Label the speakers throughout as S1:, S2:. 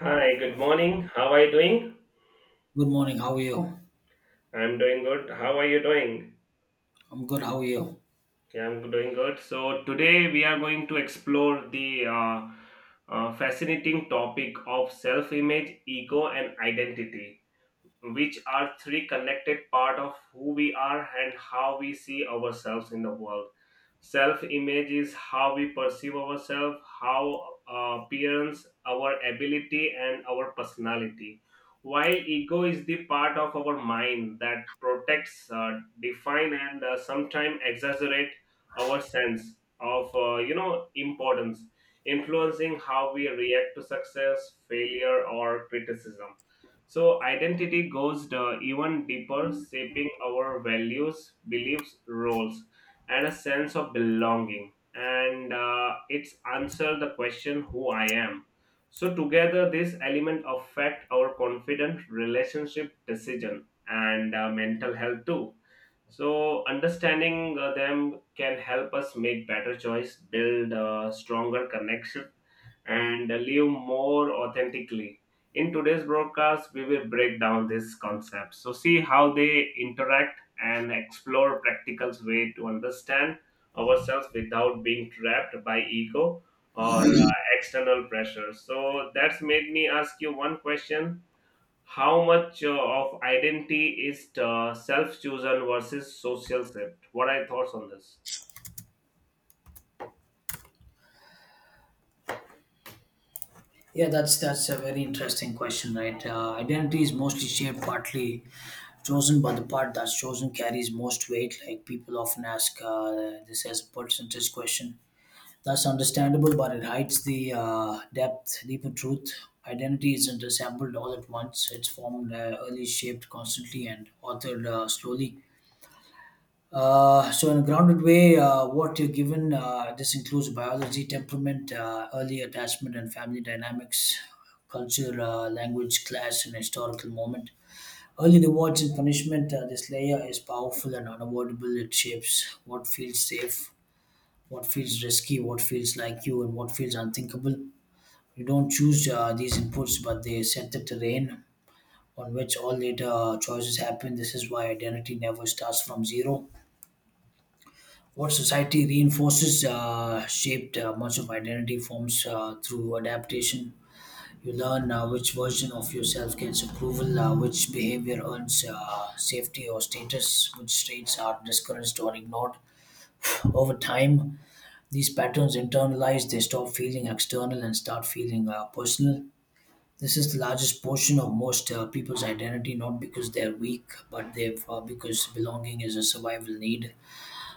S1: Hi, good morning. How are you doing?
S2: Good morning. How are you?
S1: I'm doing good. How are you doing?
S2: I'm good. How are you?
S1: Yeah, I'm doing good. So, today we are going to explore the fascinating topic of self image, ego, and identity, which are three connected part of who we are and how we see ourselves in the world. Self image is how we perceive ourselves, how appearance, our ability and our personality, while ego is the part of our mind that protects, define, and sometimes exaggerate our sense of importance, influencing how we react to success, failure, or criticism. So, identity goes the even deeper, shaping our values, beliefs, roles, and a sense of belonging. And it's answer the question who I am. So, together, this element affect our confidence, relationship, decision, and mental health too. So, understanding them can help us make better choice, build stronger connection, and live more authentically. In today's broadcast, we will break down these concepts. So, see how they interact and explore practical way to understand ourselves without being trapped by ego or external pressure. So, that's made me ask you one question. How much of identity is self-chosen versus social shift? What are your thoughts on this?
S2: Yeah, that's a very interesting question, right? Identity is mostly shaped partly chosen by the part that's chosen carries most weight. Like people often ask this as a percentage question. That's understandable, but it hides the deeper truth. Identity isn't assembled all at once. It's formed early, shaped constantly, and authored slowly. So, in a grounded way, what you're given, this includes biology, temperament, early attachment and family dynamics, culture, language, class, and historical moment. Early rewards and punishment, this layer is powerful and unavoidable. It shapes what feels safe, what feels risky, what feels like you, and what feels unthinkable. You don't choose these inputs, but they set the terrain on which all later choices happen. This is why identity never starts from zero. What society reinforces shaped much of identity forms through adaptation. You learn which version of yourself gets approval, which behavior earns safety or status, which traits are discouraged or ignored. Over time, these patterns internalize, they stop feeling external and start feeling personal. This is the largest portion of most people's identity, not because they're weak, but they've because belonging is a survival need.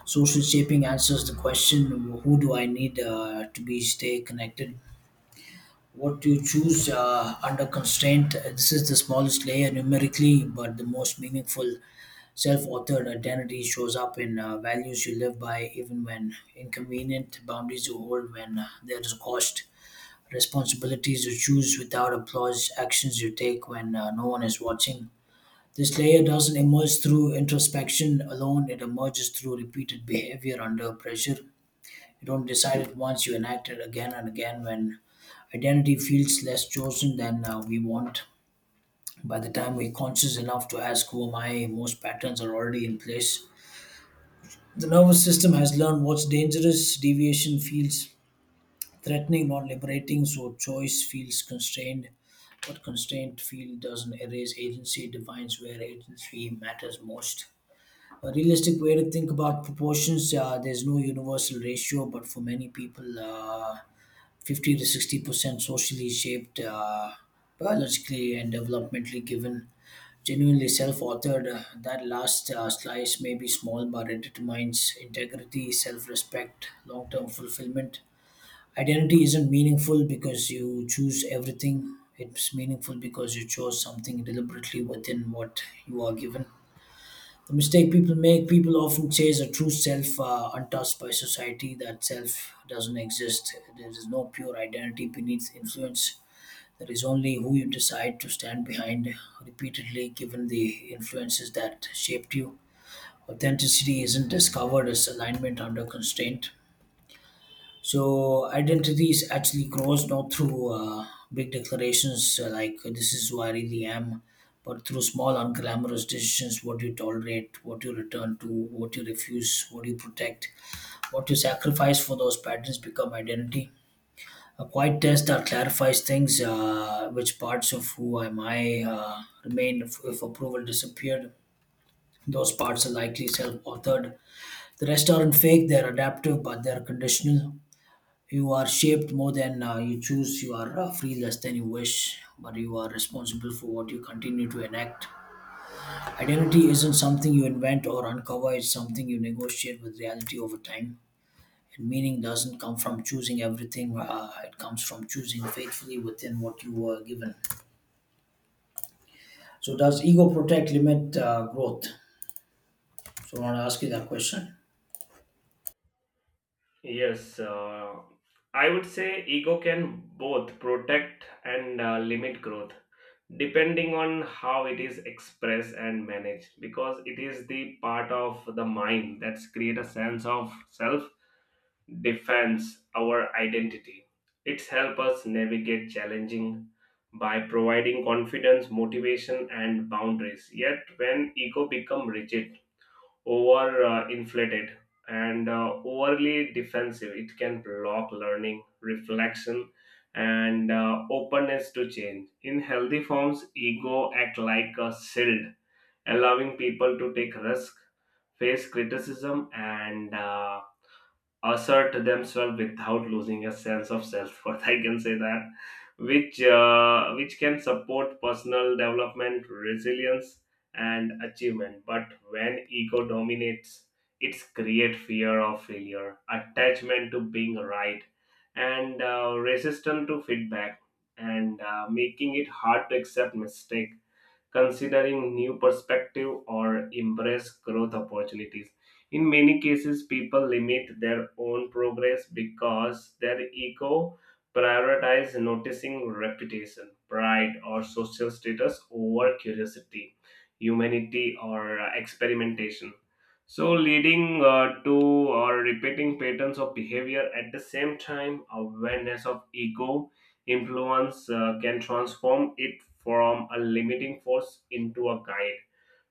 S2: Social shaping answers the question, who do I need to be stay connected? What do you choose under constraint? This is the smallest layer numerically, but the most meaningful. Self authored identity shows up in values you live by, even when inconvenient, boundaries you hold when there is cost, responsibilities you choose without applause, actions you take when no one is watching. This layer doesn't emerge through introspection alone, it emerges through repeated behavior under pressure. You don't decide it once, you enact it again and again. When identity feels less chosen than we want, by the time we're conscious enough to ask, "Who am I?" most patterns are already in place. The nervous system has learned what's dangerous. Deviation feels threatening, not liberating, so choice feels constrained. What constraint feel doesn't erase agency, it defines where agency matters most. A realistic way to think about proportions, there's no universal ratio, but for many people, 50 to 60% socially shaped, biologically and developmentally given, genuinely self authored. That last slice may be small, but it determines integrity, self respect, long term fulfillment. Identity isn't meaningful because you choose everything, it's meaningful because you chose something deliberately within what you are given. The mistake people make, people often chase a true self untouched by society. That self doesn't exist. There is no pure identity beneath influence. There is only who you decide to stand behind repeatedly, given the influences that shaped you. Authenticity isn't discovered as alignment under constraint. So identity is actually grows not through big declarations like this is who I really am, but through small unglamorous decisions: what you tolerate, what you return to, what you refuse, what you protect, what you sacrifice for those patterns become identity. A quiet test that clarifies things: which parts of who am I remain if approval disappeared. Those parts are likely self-authored. The rest aren't fake; they're adaptive, but they're conditional. You are shaped more than you choose. You are free less than you wish, but you are responsible for what you continue to enact. Identity isn't something you invent or uncover, it's something you negotiate with reality over time. And meaning doesn't come from choosing everything, it comes from choosing faithfully within what you were given. So, does ego protect, limit growth? So, I want to ask you that question.
S1: Yes, I would say ego can both protect and limit growth, depending on how it is expressed and managed, because it is the part of the mind that's create a sense of self, defense our identity. It's help us navigate challenging by providing confidence, motivation, and boundaries. Yet when ego become rigid, over inflated, and overly defensive, it can block learning, reflection, and openness to change. In healthy forms, ego act like a shield, allowing people to take risk, face criticism, and assert themselves without losing a sense of self-worth. I can say that, which can support personal development, resilience, and achievement. But when ego dominates, it's create fear of failure, attachment to being right, and resistance to feedback, and making it hard to accept mistake, considering new perspective or embrace growth opportunities. In many cases, people limit their own progress because their ego prioritize noticing reputation, pride, or social status over curiosity, humanity, or experimentation, so leading to or repeating patterns of behavior. At the same time, awareness of ego influence can transform it from a limiting force into a guide,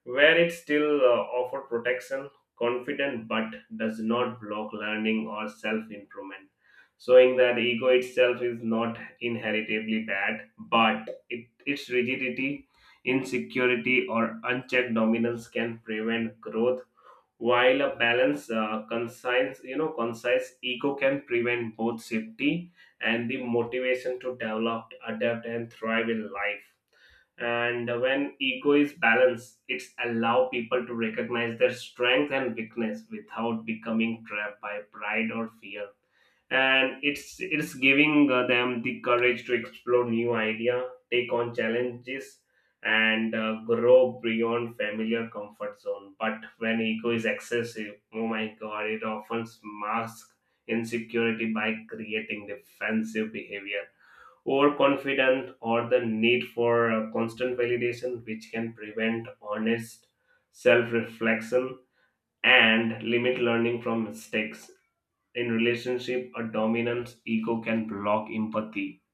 S1: where it still offers protection, confident, but does not block learning or self improvement. Showing that ego itself is not inheritably bad, but it, its rigidity, insecurity, or unchecked dominance can prevent growth, while a balanced, concise, concise ego can prevent both safety and the motivation to develop, adapt, and thrive in life. And when ego is balanced, it's allow people to recognize their strength and weakness without becoming trapped by pride or fear, and it's giving them the courage to explore new idea, take on challenges, and grow beyond familiar comfort zone. But when ego is excessive, oh my god, it often masks insecurity by creating defensive behavior, overconfident, or the need for constant validation, which can prevent honest self-reflection and limit learning from mistakes. In relationship, a dominant ego can block empathy,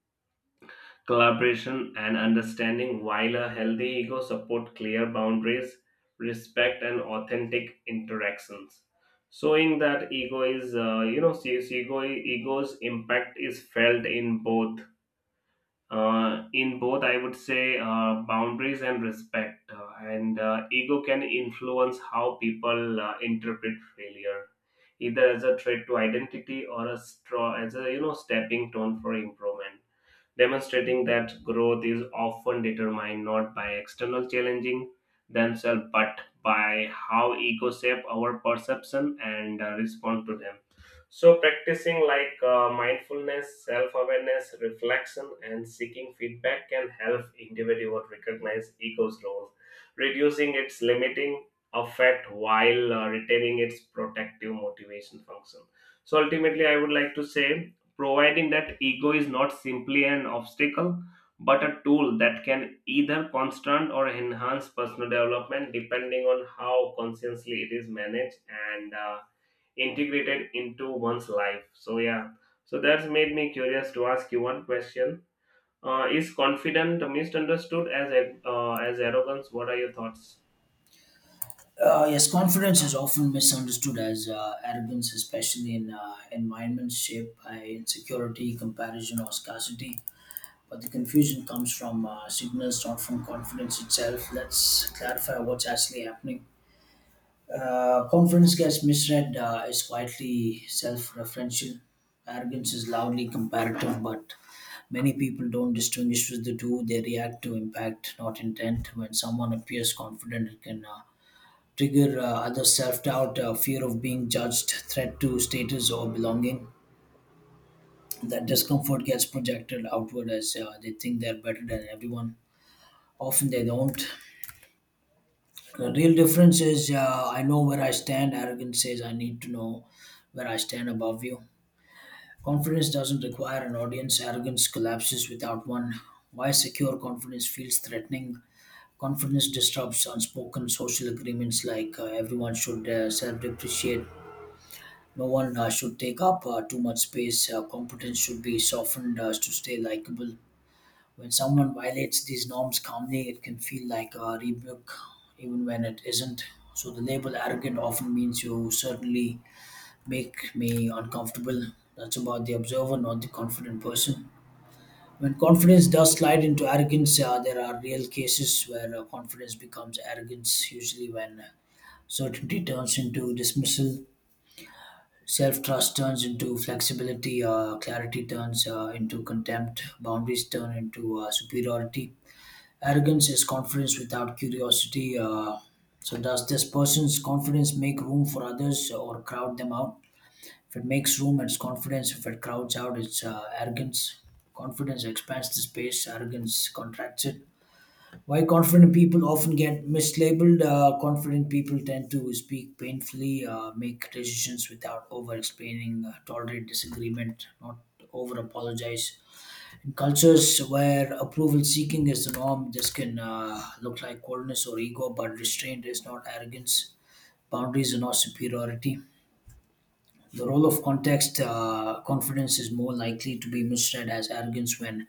S1: collaboration, and understanding, while a healthy ego support clear boundaries, respect, and authentic interactions. Showing that ego is, you know, see- see ego ego's impact is felt in both in both, I would say, boundaries and respect, and ego can influence how people interpret failure either as a threat to identity or a straw as a stepping stone for improvement, demonstrating that growth is often determined not by external challenging themselves, but by how ego shape our perception and respond to them. So practicing like mindfulness, self-awareness, reflection, and seeking feedback can help individual recognize ego's role, reducing its limiting effect while retaining its protective motivation function. So ultimately, I would like to say, providing that ego is not simply an obstacle, but a tool that can either constant or enhance personal development depending on how consciously it is managed and integrated into one's life. So yeah, so that's made me curious to ask you one question. Is confident misunderstood as arrogance? What are your thoughts?
S2: Yes, confidence is often misunderstood as arrogance, especially in environments shaped by insecurity, comparison, or scarcity. But the confusion comes from signals, not from confidence itself. Let's clarify what's actually happening. Confidence gets misread as quietly self referential. Arrogance is loudly comparative, but many people don't distinguish with the two. They react to impact, not intent. When someone appears confident, it can trigger other self-doubt, fear of being judged, threat to status or belonging. That discomfort gets projected outward as they think they're better than everyone. Often they don't. The real difference is I know where I stand. Arrogance says I need to know where I stand above you. Confidence doesn't require an audience. Arrogance collapses without one. Why secure confidence feels threatening. Confidence disrupts unspoken social agreements like everyone should self depreciate. No one should take up too much space. Competence should be softened to stay likable. When someone violates these norms calmly, it can feel like a rebuke, even when it isn't. So the label arrogant often means you certainly make me uncomfortable. That's about the observer, not the confident person. When confidence does slide into arrogance, there are real cases where confidence becomes arrogance, usually when certainty turns into dismissal. Self trust turns into flexibility, clarity turns into contempt, boundaries turn into superiority. Arrogance is confidence without curiosity. So, does this person's confidence make room for others or crowd them out? If it makes room, it's confidence. If it crowds out, it's arrogance. Confidence expands the space, arrogance contracts it. Why confident people often get mislabeled. Confident people tend to speak painfully, make decisions without over explaining, tolerate disagreement, not over apologize. In cultures where approval seeking is the norm, this can look like coldness or ego, but restraint is not arrogance. Boundaries are not superiority. The role of context, confidence is more likely to be misread as arrogance when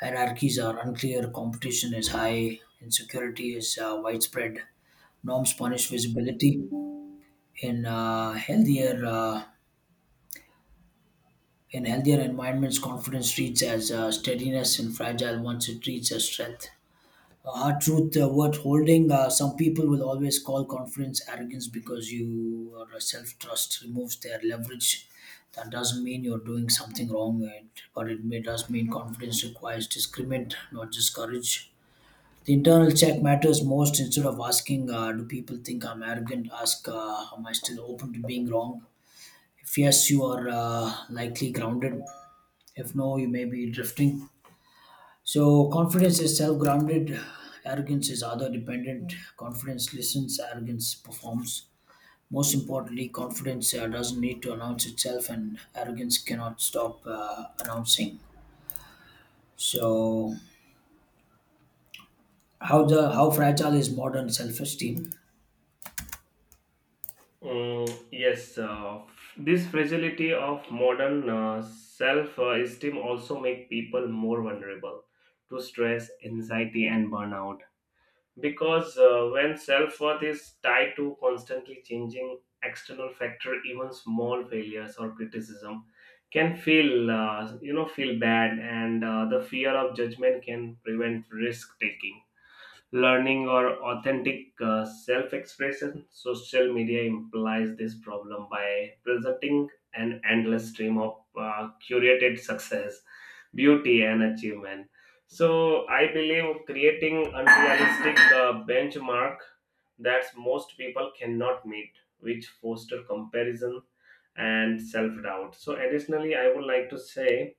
S2: hierarchies are unclear, competition is high, insecurity is widespread. Norms punish visibility. In uh, healthier uh, in healthier environments, confidence treats as steadiness, and fragile ones it treats as strength. A hard truth worth holding: some people will always call confidence arrogance because your self trust removes their leverage. That doesn't mean you're doing something wrong, but it does mean confidence requires discernment, not just courage. The internal check matters most. Instead of asking, do people think I'm arrogant, ask, am I still open to being wrong? If yes, you are likely grounded. If no, you may be drifting. So, confidence is self grounded, arrogance is other dependent. Confidence listens, arrogance performs. Most importantly, confidence doesn't need to announce itself, and arrogance cannot stop announcing. So, how fragile is modern self-esteem?
S1: Mm, yes, this fragility of modern self-esteem also make people more vulnerable to stress, anxiety, and burnout. Because when self-worth is tied to constantly changing external factor, even small failures or criticism can feel, feel bad, and the fear of judgment can prevent risk taking, learning, or authentic self expression. Social media implies this problem by presenting an endless stream of curated success, beauty, and achievement. So, I believe creating unrealistic benchmark that most people cannot meet, which foster comparison and self doubt. So, additionally, I would like to say,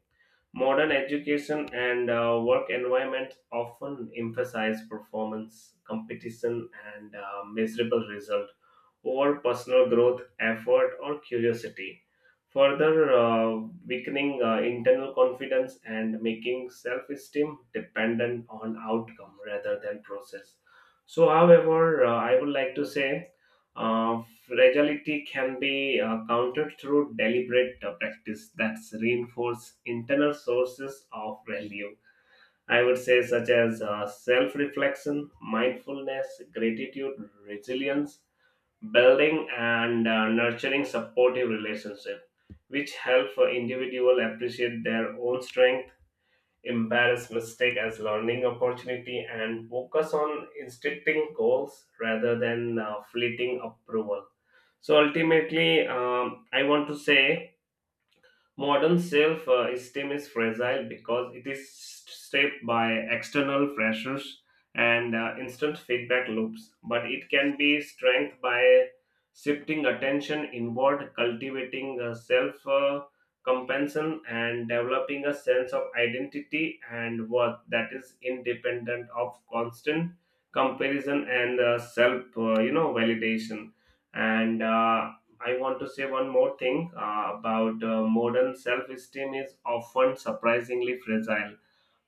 S1: modern education and work environments often emphasize performance, competition, and measurable result over personal growth, effort, or curiosity, further weakening internal confidence and making self esteem dependent on outcome rather than process. So, however, I would like to say fragility can be countered through deliberate practice that's reinforce internal sources of value. I would say such as self-reflection, mindfulness, gratitude, resilience, building, and nurturing supportive relationships, which help individual appreciate their own strength, embrace mistake as learning opportunity, and focus on instincting goals rather than fleeting approval. So ultimately, I want to say modern self esteem is fragile because it is shaped by external pressures and instant feedback loops, but it can be strengthened by shifting attention inward, cultivating self compassion, and developing a sense of identity and worth that is independent of constant comparison and self validation. And I want to say one more thing about modern self esteem is often surprisingly fragile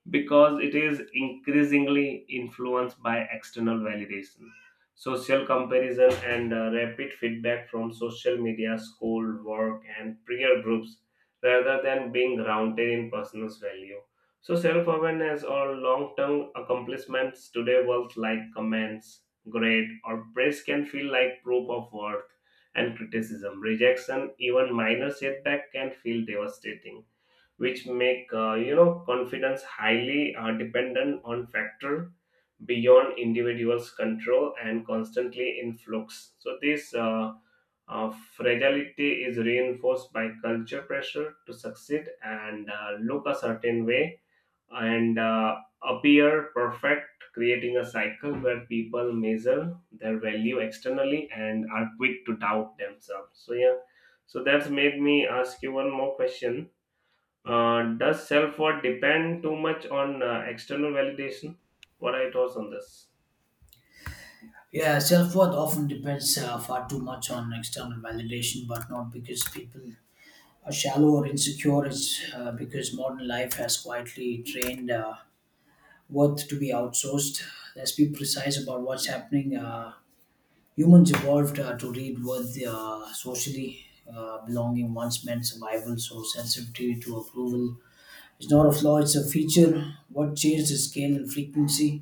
S1: because it is increasingly influenced by external validation, social comparison, and rapid feedback from social media, school, work, and peer groups rather than being grounded in personal value. So, self awareness or long term accomplishments today, words like comments, grade, or praise can feel like proof of worth and criticism. Rejection, even minor setback, can feel devastating, which make confidence highly dependent on factor beyond individuals control and constantly in flux. So this uh, fragility is reinforced by culture pressure to succeed and look a certain way and appear perfect, creating a cycle where people measure their value externally and are quick to doubt themselves. So yeah, so that's made me ask you one more question. Does self worth depend too much on external validation? What are your thoughts on this?
S2: Yeah, self worth often depends far too much on external validation, but not because people are shallow or insecure. It's because modern life has quietly trained worth to be outsourced. Let's be precise about what's happening. Humans evolved to read worth socially. Belonging once meant survival, so sensitivity to approval is not a flaw, it's a feature. What changed is scale and frequency?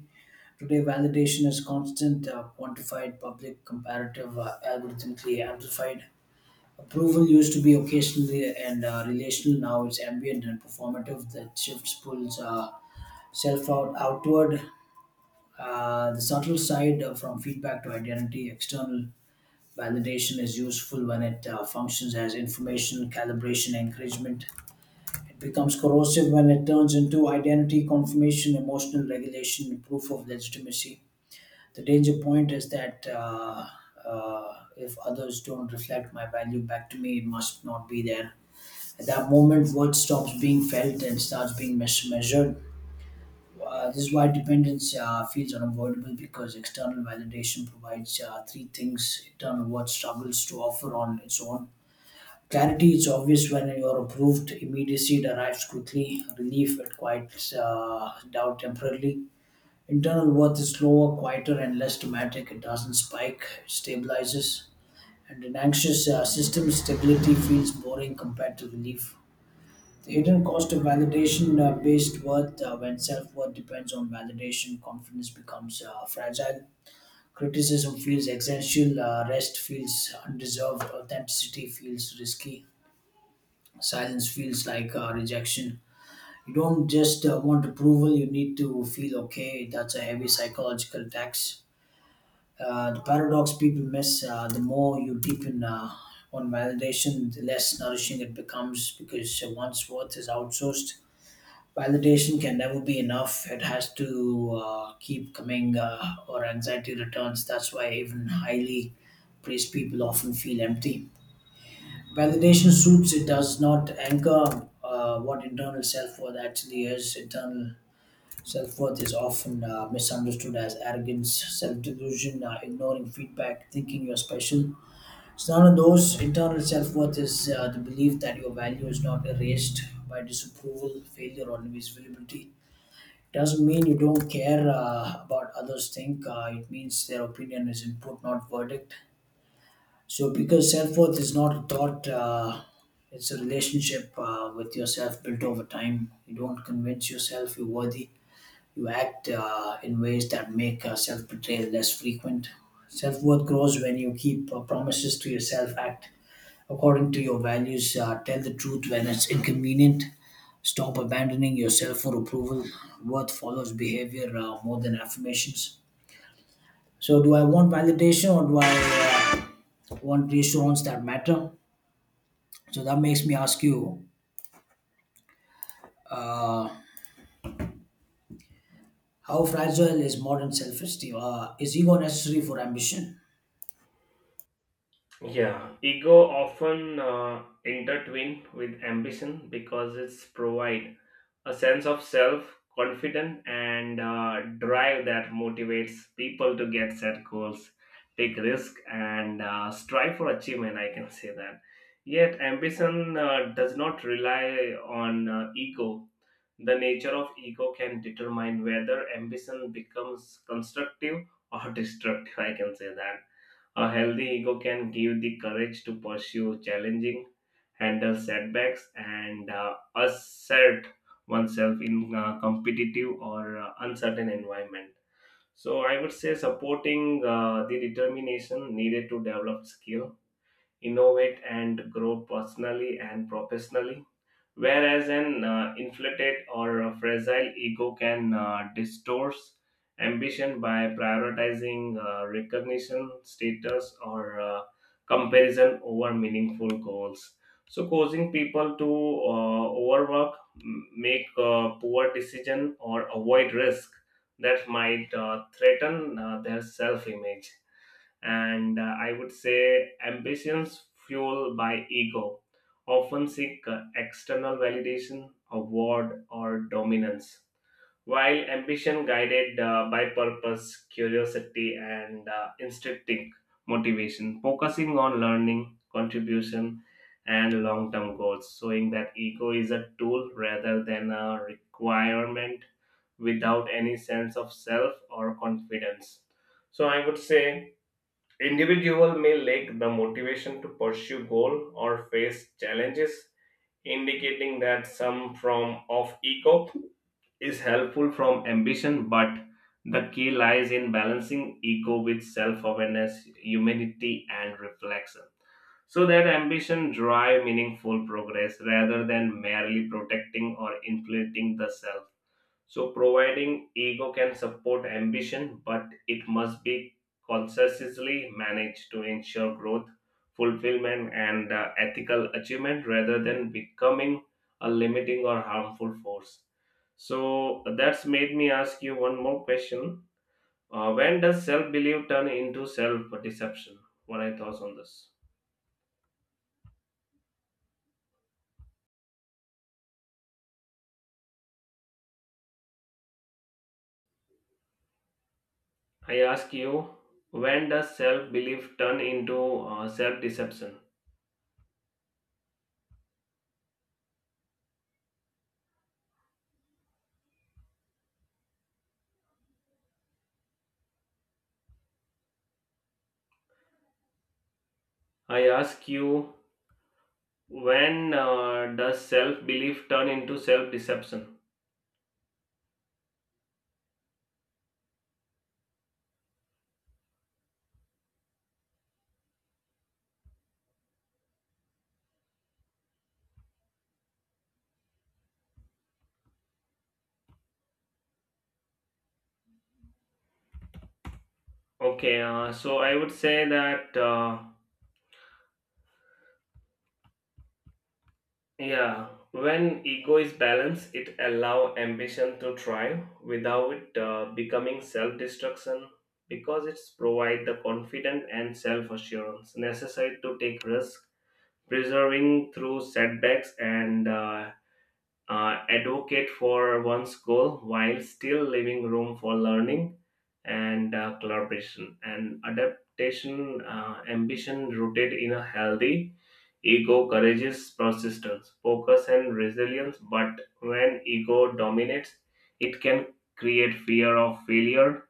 S2: Today, validation is constant, quantified, public, comparative, algorithmically amplified. Approval used to be occasionally and relational. Now it's ambient and performative. That shifts pulls self out outward. The subtle side from feedback to identity. External validation is useful when it functions as information, calibration, encouragement. It becomes corrosive when it turns into identity confirmation, emotional regulation, proof of legitimacy. The danger point is that if others don't reflect my value back to me, it must not be there. At that moment, worth stops being felt and starts being measured. This is why dependence feels unavoidable because external validation provides three things internal worth struggles to offer on its own. Clarity is obvious when you're approved. Immediacy it arrives quickly. Relief it quiets doubt temporarily. Internal worth is slower, quieter, and less dramatic. It doesn't spike, it stabilizes. And an anxious system, stability feels boring compared to relief. The hidden cost of validation based worth. When self worth depends on validation, confidence becomes fragile. Criticism feels existential, rest feels undeserved, authenticity feels risky, silence feels like rejection. You don't just want approval, you need to feel okay. That's a heavy psychological tax. The paradox people miss the more you deepen on validation, the less nourishing it becomes because once worth is outsourced, validation can never be enough. It has to keep coming, or anxiety returns. That's why even highly praised people often feel empty. Validation suits, it does not anchor what internal self worth actually is. Internal self worth is often misunderstood as arrogance, self delusion, ignoring feedback, thinking you're special. It's none of those. Internal self worth is the belief that your value is not erased by disapproval, failure, or invisibility. Doesn't mean you don't care about others think. It means their opinion is input, not verdict. So, because self worth is not a thought, it's a relationship with yourself built over time. You don't convince yourself you're worthy, you act in ways that make self betrayal less frequent. Self worth grows when you keep promises to yourself, act according to your values, tell the truth when it's inconvenient, stop abandoning yourself for approval. Worth follows behavior more than affirmations. So, do I want validation or do I want reassurance that matter? So, that makes me ask you, how fragile is modern self esteem? Is ego necessary for ambition?
S1: Yeah, ego often intertwined with ambition because it's provide a sense of self confidence and drive that motivates people to get set goals, take risk, and strive for achievement. I can say that. Yet, ambition does not rely on ego. The nature of ego can determine whether ambition becomes constructive or destructive. I can say that a healthy ego can give the courage to pursue challenging, handle setbacks, and assert oneself in a competitive or uncertain environment. So, I would say supporting the determination needed to develop skill, innovate, and grow personally and professionally, whereas an inflated or a fragile ego can distort ambition by prioritizing recognition, status, or comparison over meaningful goals. So, causing people to overwork, make poor decision, or avoid risk that might threaten their self-image. And I would say ambitions fueled by ego often seek external validation, award, or dominance, while ambition guided by purpose, curiosity, and instinctive motivation, focusing on learning, contribution, and long term goals, showing that ego is a tool rather than a requirement. Without any sense of self or confidence, so, I would say, individual may lack the motivation to pursue goal or face challenges, indicating that some form of ego is helpful from ambition. But the key lies in balancing ego with self-awareness, humility, and reflection, so that ambition drive meaningful progress rather than merely protecting or inflating the self. So, providing ego can support ambition, but it must be consciously managed to ensure growth, fulfillment, and ethical achievement rather than becoming a limiting or harmful force. So, that's made me ask you one more question. When does self belief turn into self deception? What are your thoughts on this? I ask you, when does self belief turn into self deception? I ask you, when does self belief turn into self deception? Okay, so I would say that yeah, when ego is balanced, it allow ambition to thrive without becoming self destruction, because it's provide the confidence and self assurance necessary to take risk, preserving through setbacks, and advocate for one's goal while still leaving room for learning and collaboration and adaptation. Ambition rooted in a healthy ego, courageous persistence, focus, and resilience. But when ego dominates, it can create fear of failure,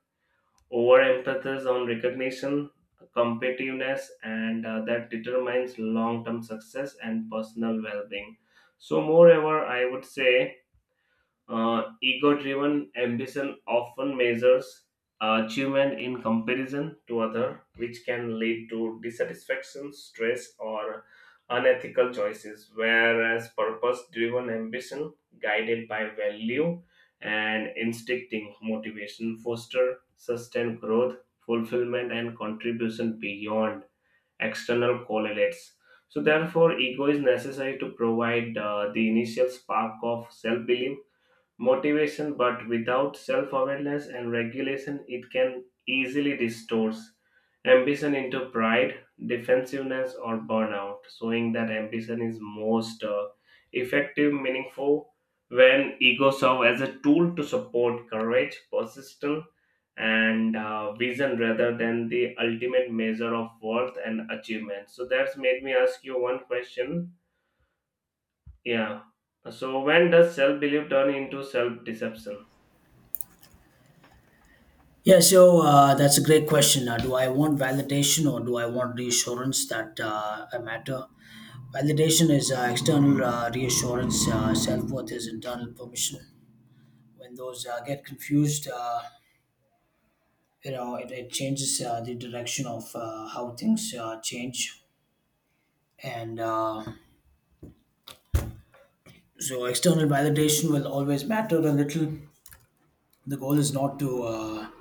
S1: over emphasis on recognition, competitiveness, and that determines long-term success and personal well-being. So moreover, I would say, ego driven ambition often measures achievement in comparison to other, which can lead to dissatisfaction, stress, or unethical choices, whereas purpose driven ambition, guided by value and instincting motivation, foster sustained growth, fulfillment, and contribution beyond external correlates. So, therefore, ego is necessary to provide the initial spark of self belief motivation, but without self awareness and regulation, it can easily distort ambition into pride, defensiveness, or burnout, showing that ambition is most effective, meaningful, when ego serves as a tool to support courage, persistence, and vision rather than the ultimate measure of worth and achievement. So that's made me ask you one question. Yeah. So when does self belief turn into self deception?
S2: Yeah, so that's a great question. Do I want validation or do I want reassurance that I matter? Validation is external reassurance. Self worth is internal permission. When those get confused, it changes the direction of how things change. And so, external validation will always matter a little. The goal is not to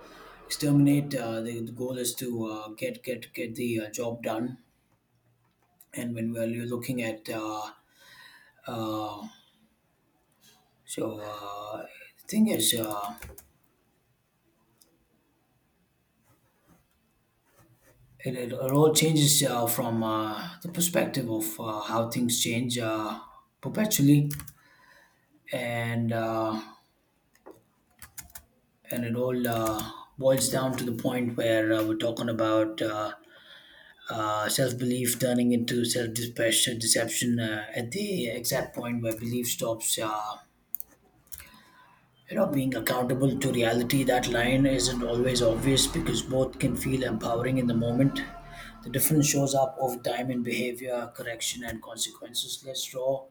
S2: exterminate. The goal is to get the job done. And when we are looking at uh, so uh, the thing is, it all changes from the perspective of how things change perpetually, and uh, and it all boils down to the point where we're talking about self-belief turning into self-deception deception at the exact point where belief stops, you know, being accountable to reality. That line isn't always obvious because both can feel empowering in the moment. The difference shows up over time in behavior, correction, and consequences. Let's draw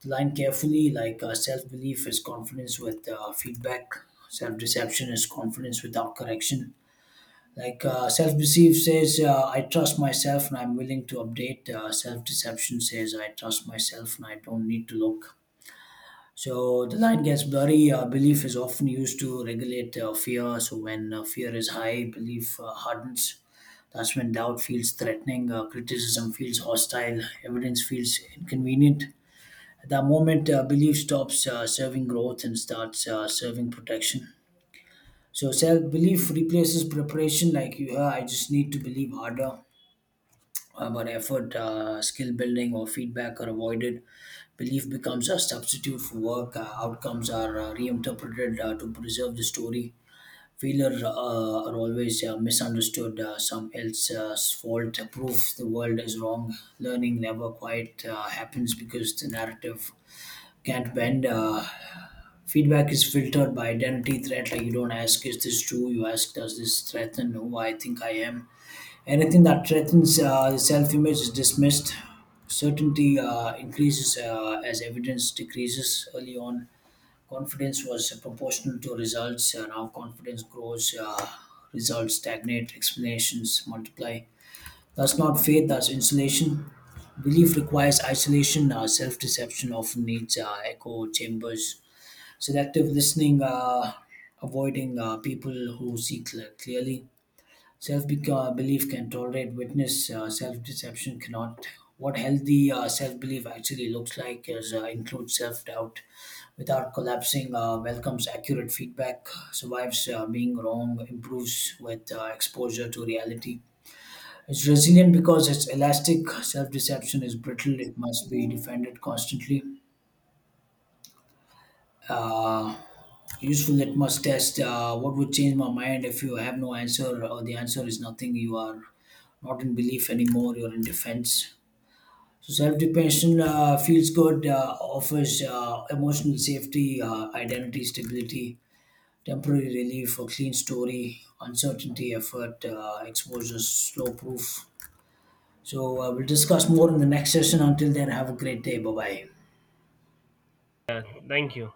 S2: the line carefully. Like self belief is confidence with feedback, self deception is confidence without correction. Like self belief says, I trust myself and I'm willing to update. Self deception says, I trust myself and I don't need to look. So the line gets blurry. Belief is often used to regulate fear. So when fear is high, belief hardens. That's when doubt feels threatening, criticism feels hostile, evidence feels inconvenient. At that moment, belief stops serving growth and starts serving protection. So self belief replaces preparation, like, I just need to believe harder, but effort, skill building, or feedback are avoided. Belief becomes a substitute for work. Outcomes are reinterpreted to preserve the story. Failure are always misunderstood. Some else's fault. Proof the world is wrong. Learning never quite happens because the narrative can't bend. Feedback is filtered by identity threat. Like, you don't ask, is this true? You ask, does this threaten who I think I am? Anything that threatens self-image is dismissed. Certainty increases as evidence decreases. Early on, confidence was proportional to results. Now, confidence grows, results stagnate, explanations multiply. That's not faith. That's insulation. Belief requires isolation. Self-deception often needs echo chambers. Selective listening, avoiding people who see clearly. Self belief can tolerate witness, self deception cannot. What healthy self belief actually looks like is, includes self doubt without collapsing, welcomes accurate feedback, survives being wrong, improves with exposure to reality. It's resilient because it's elastic. Self deception is brittle, it must be defended constantly. Uh, Useful litmus test. What would change my mind? If you have no answer or the answer is nothing, you are not in belief anymore. You're in defense. So self-depression feels good. Offers emotional safety, identity stability, temporary relief, a clean story, uncertainty, effort, exposure, slow proof. So we'll discuss more in the next session. Until then, have a great day. Bye bye.
S1: Yeah, thank you.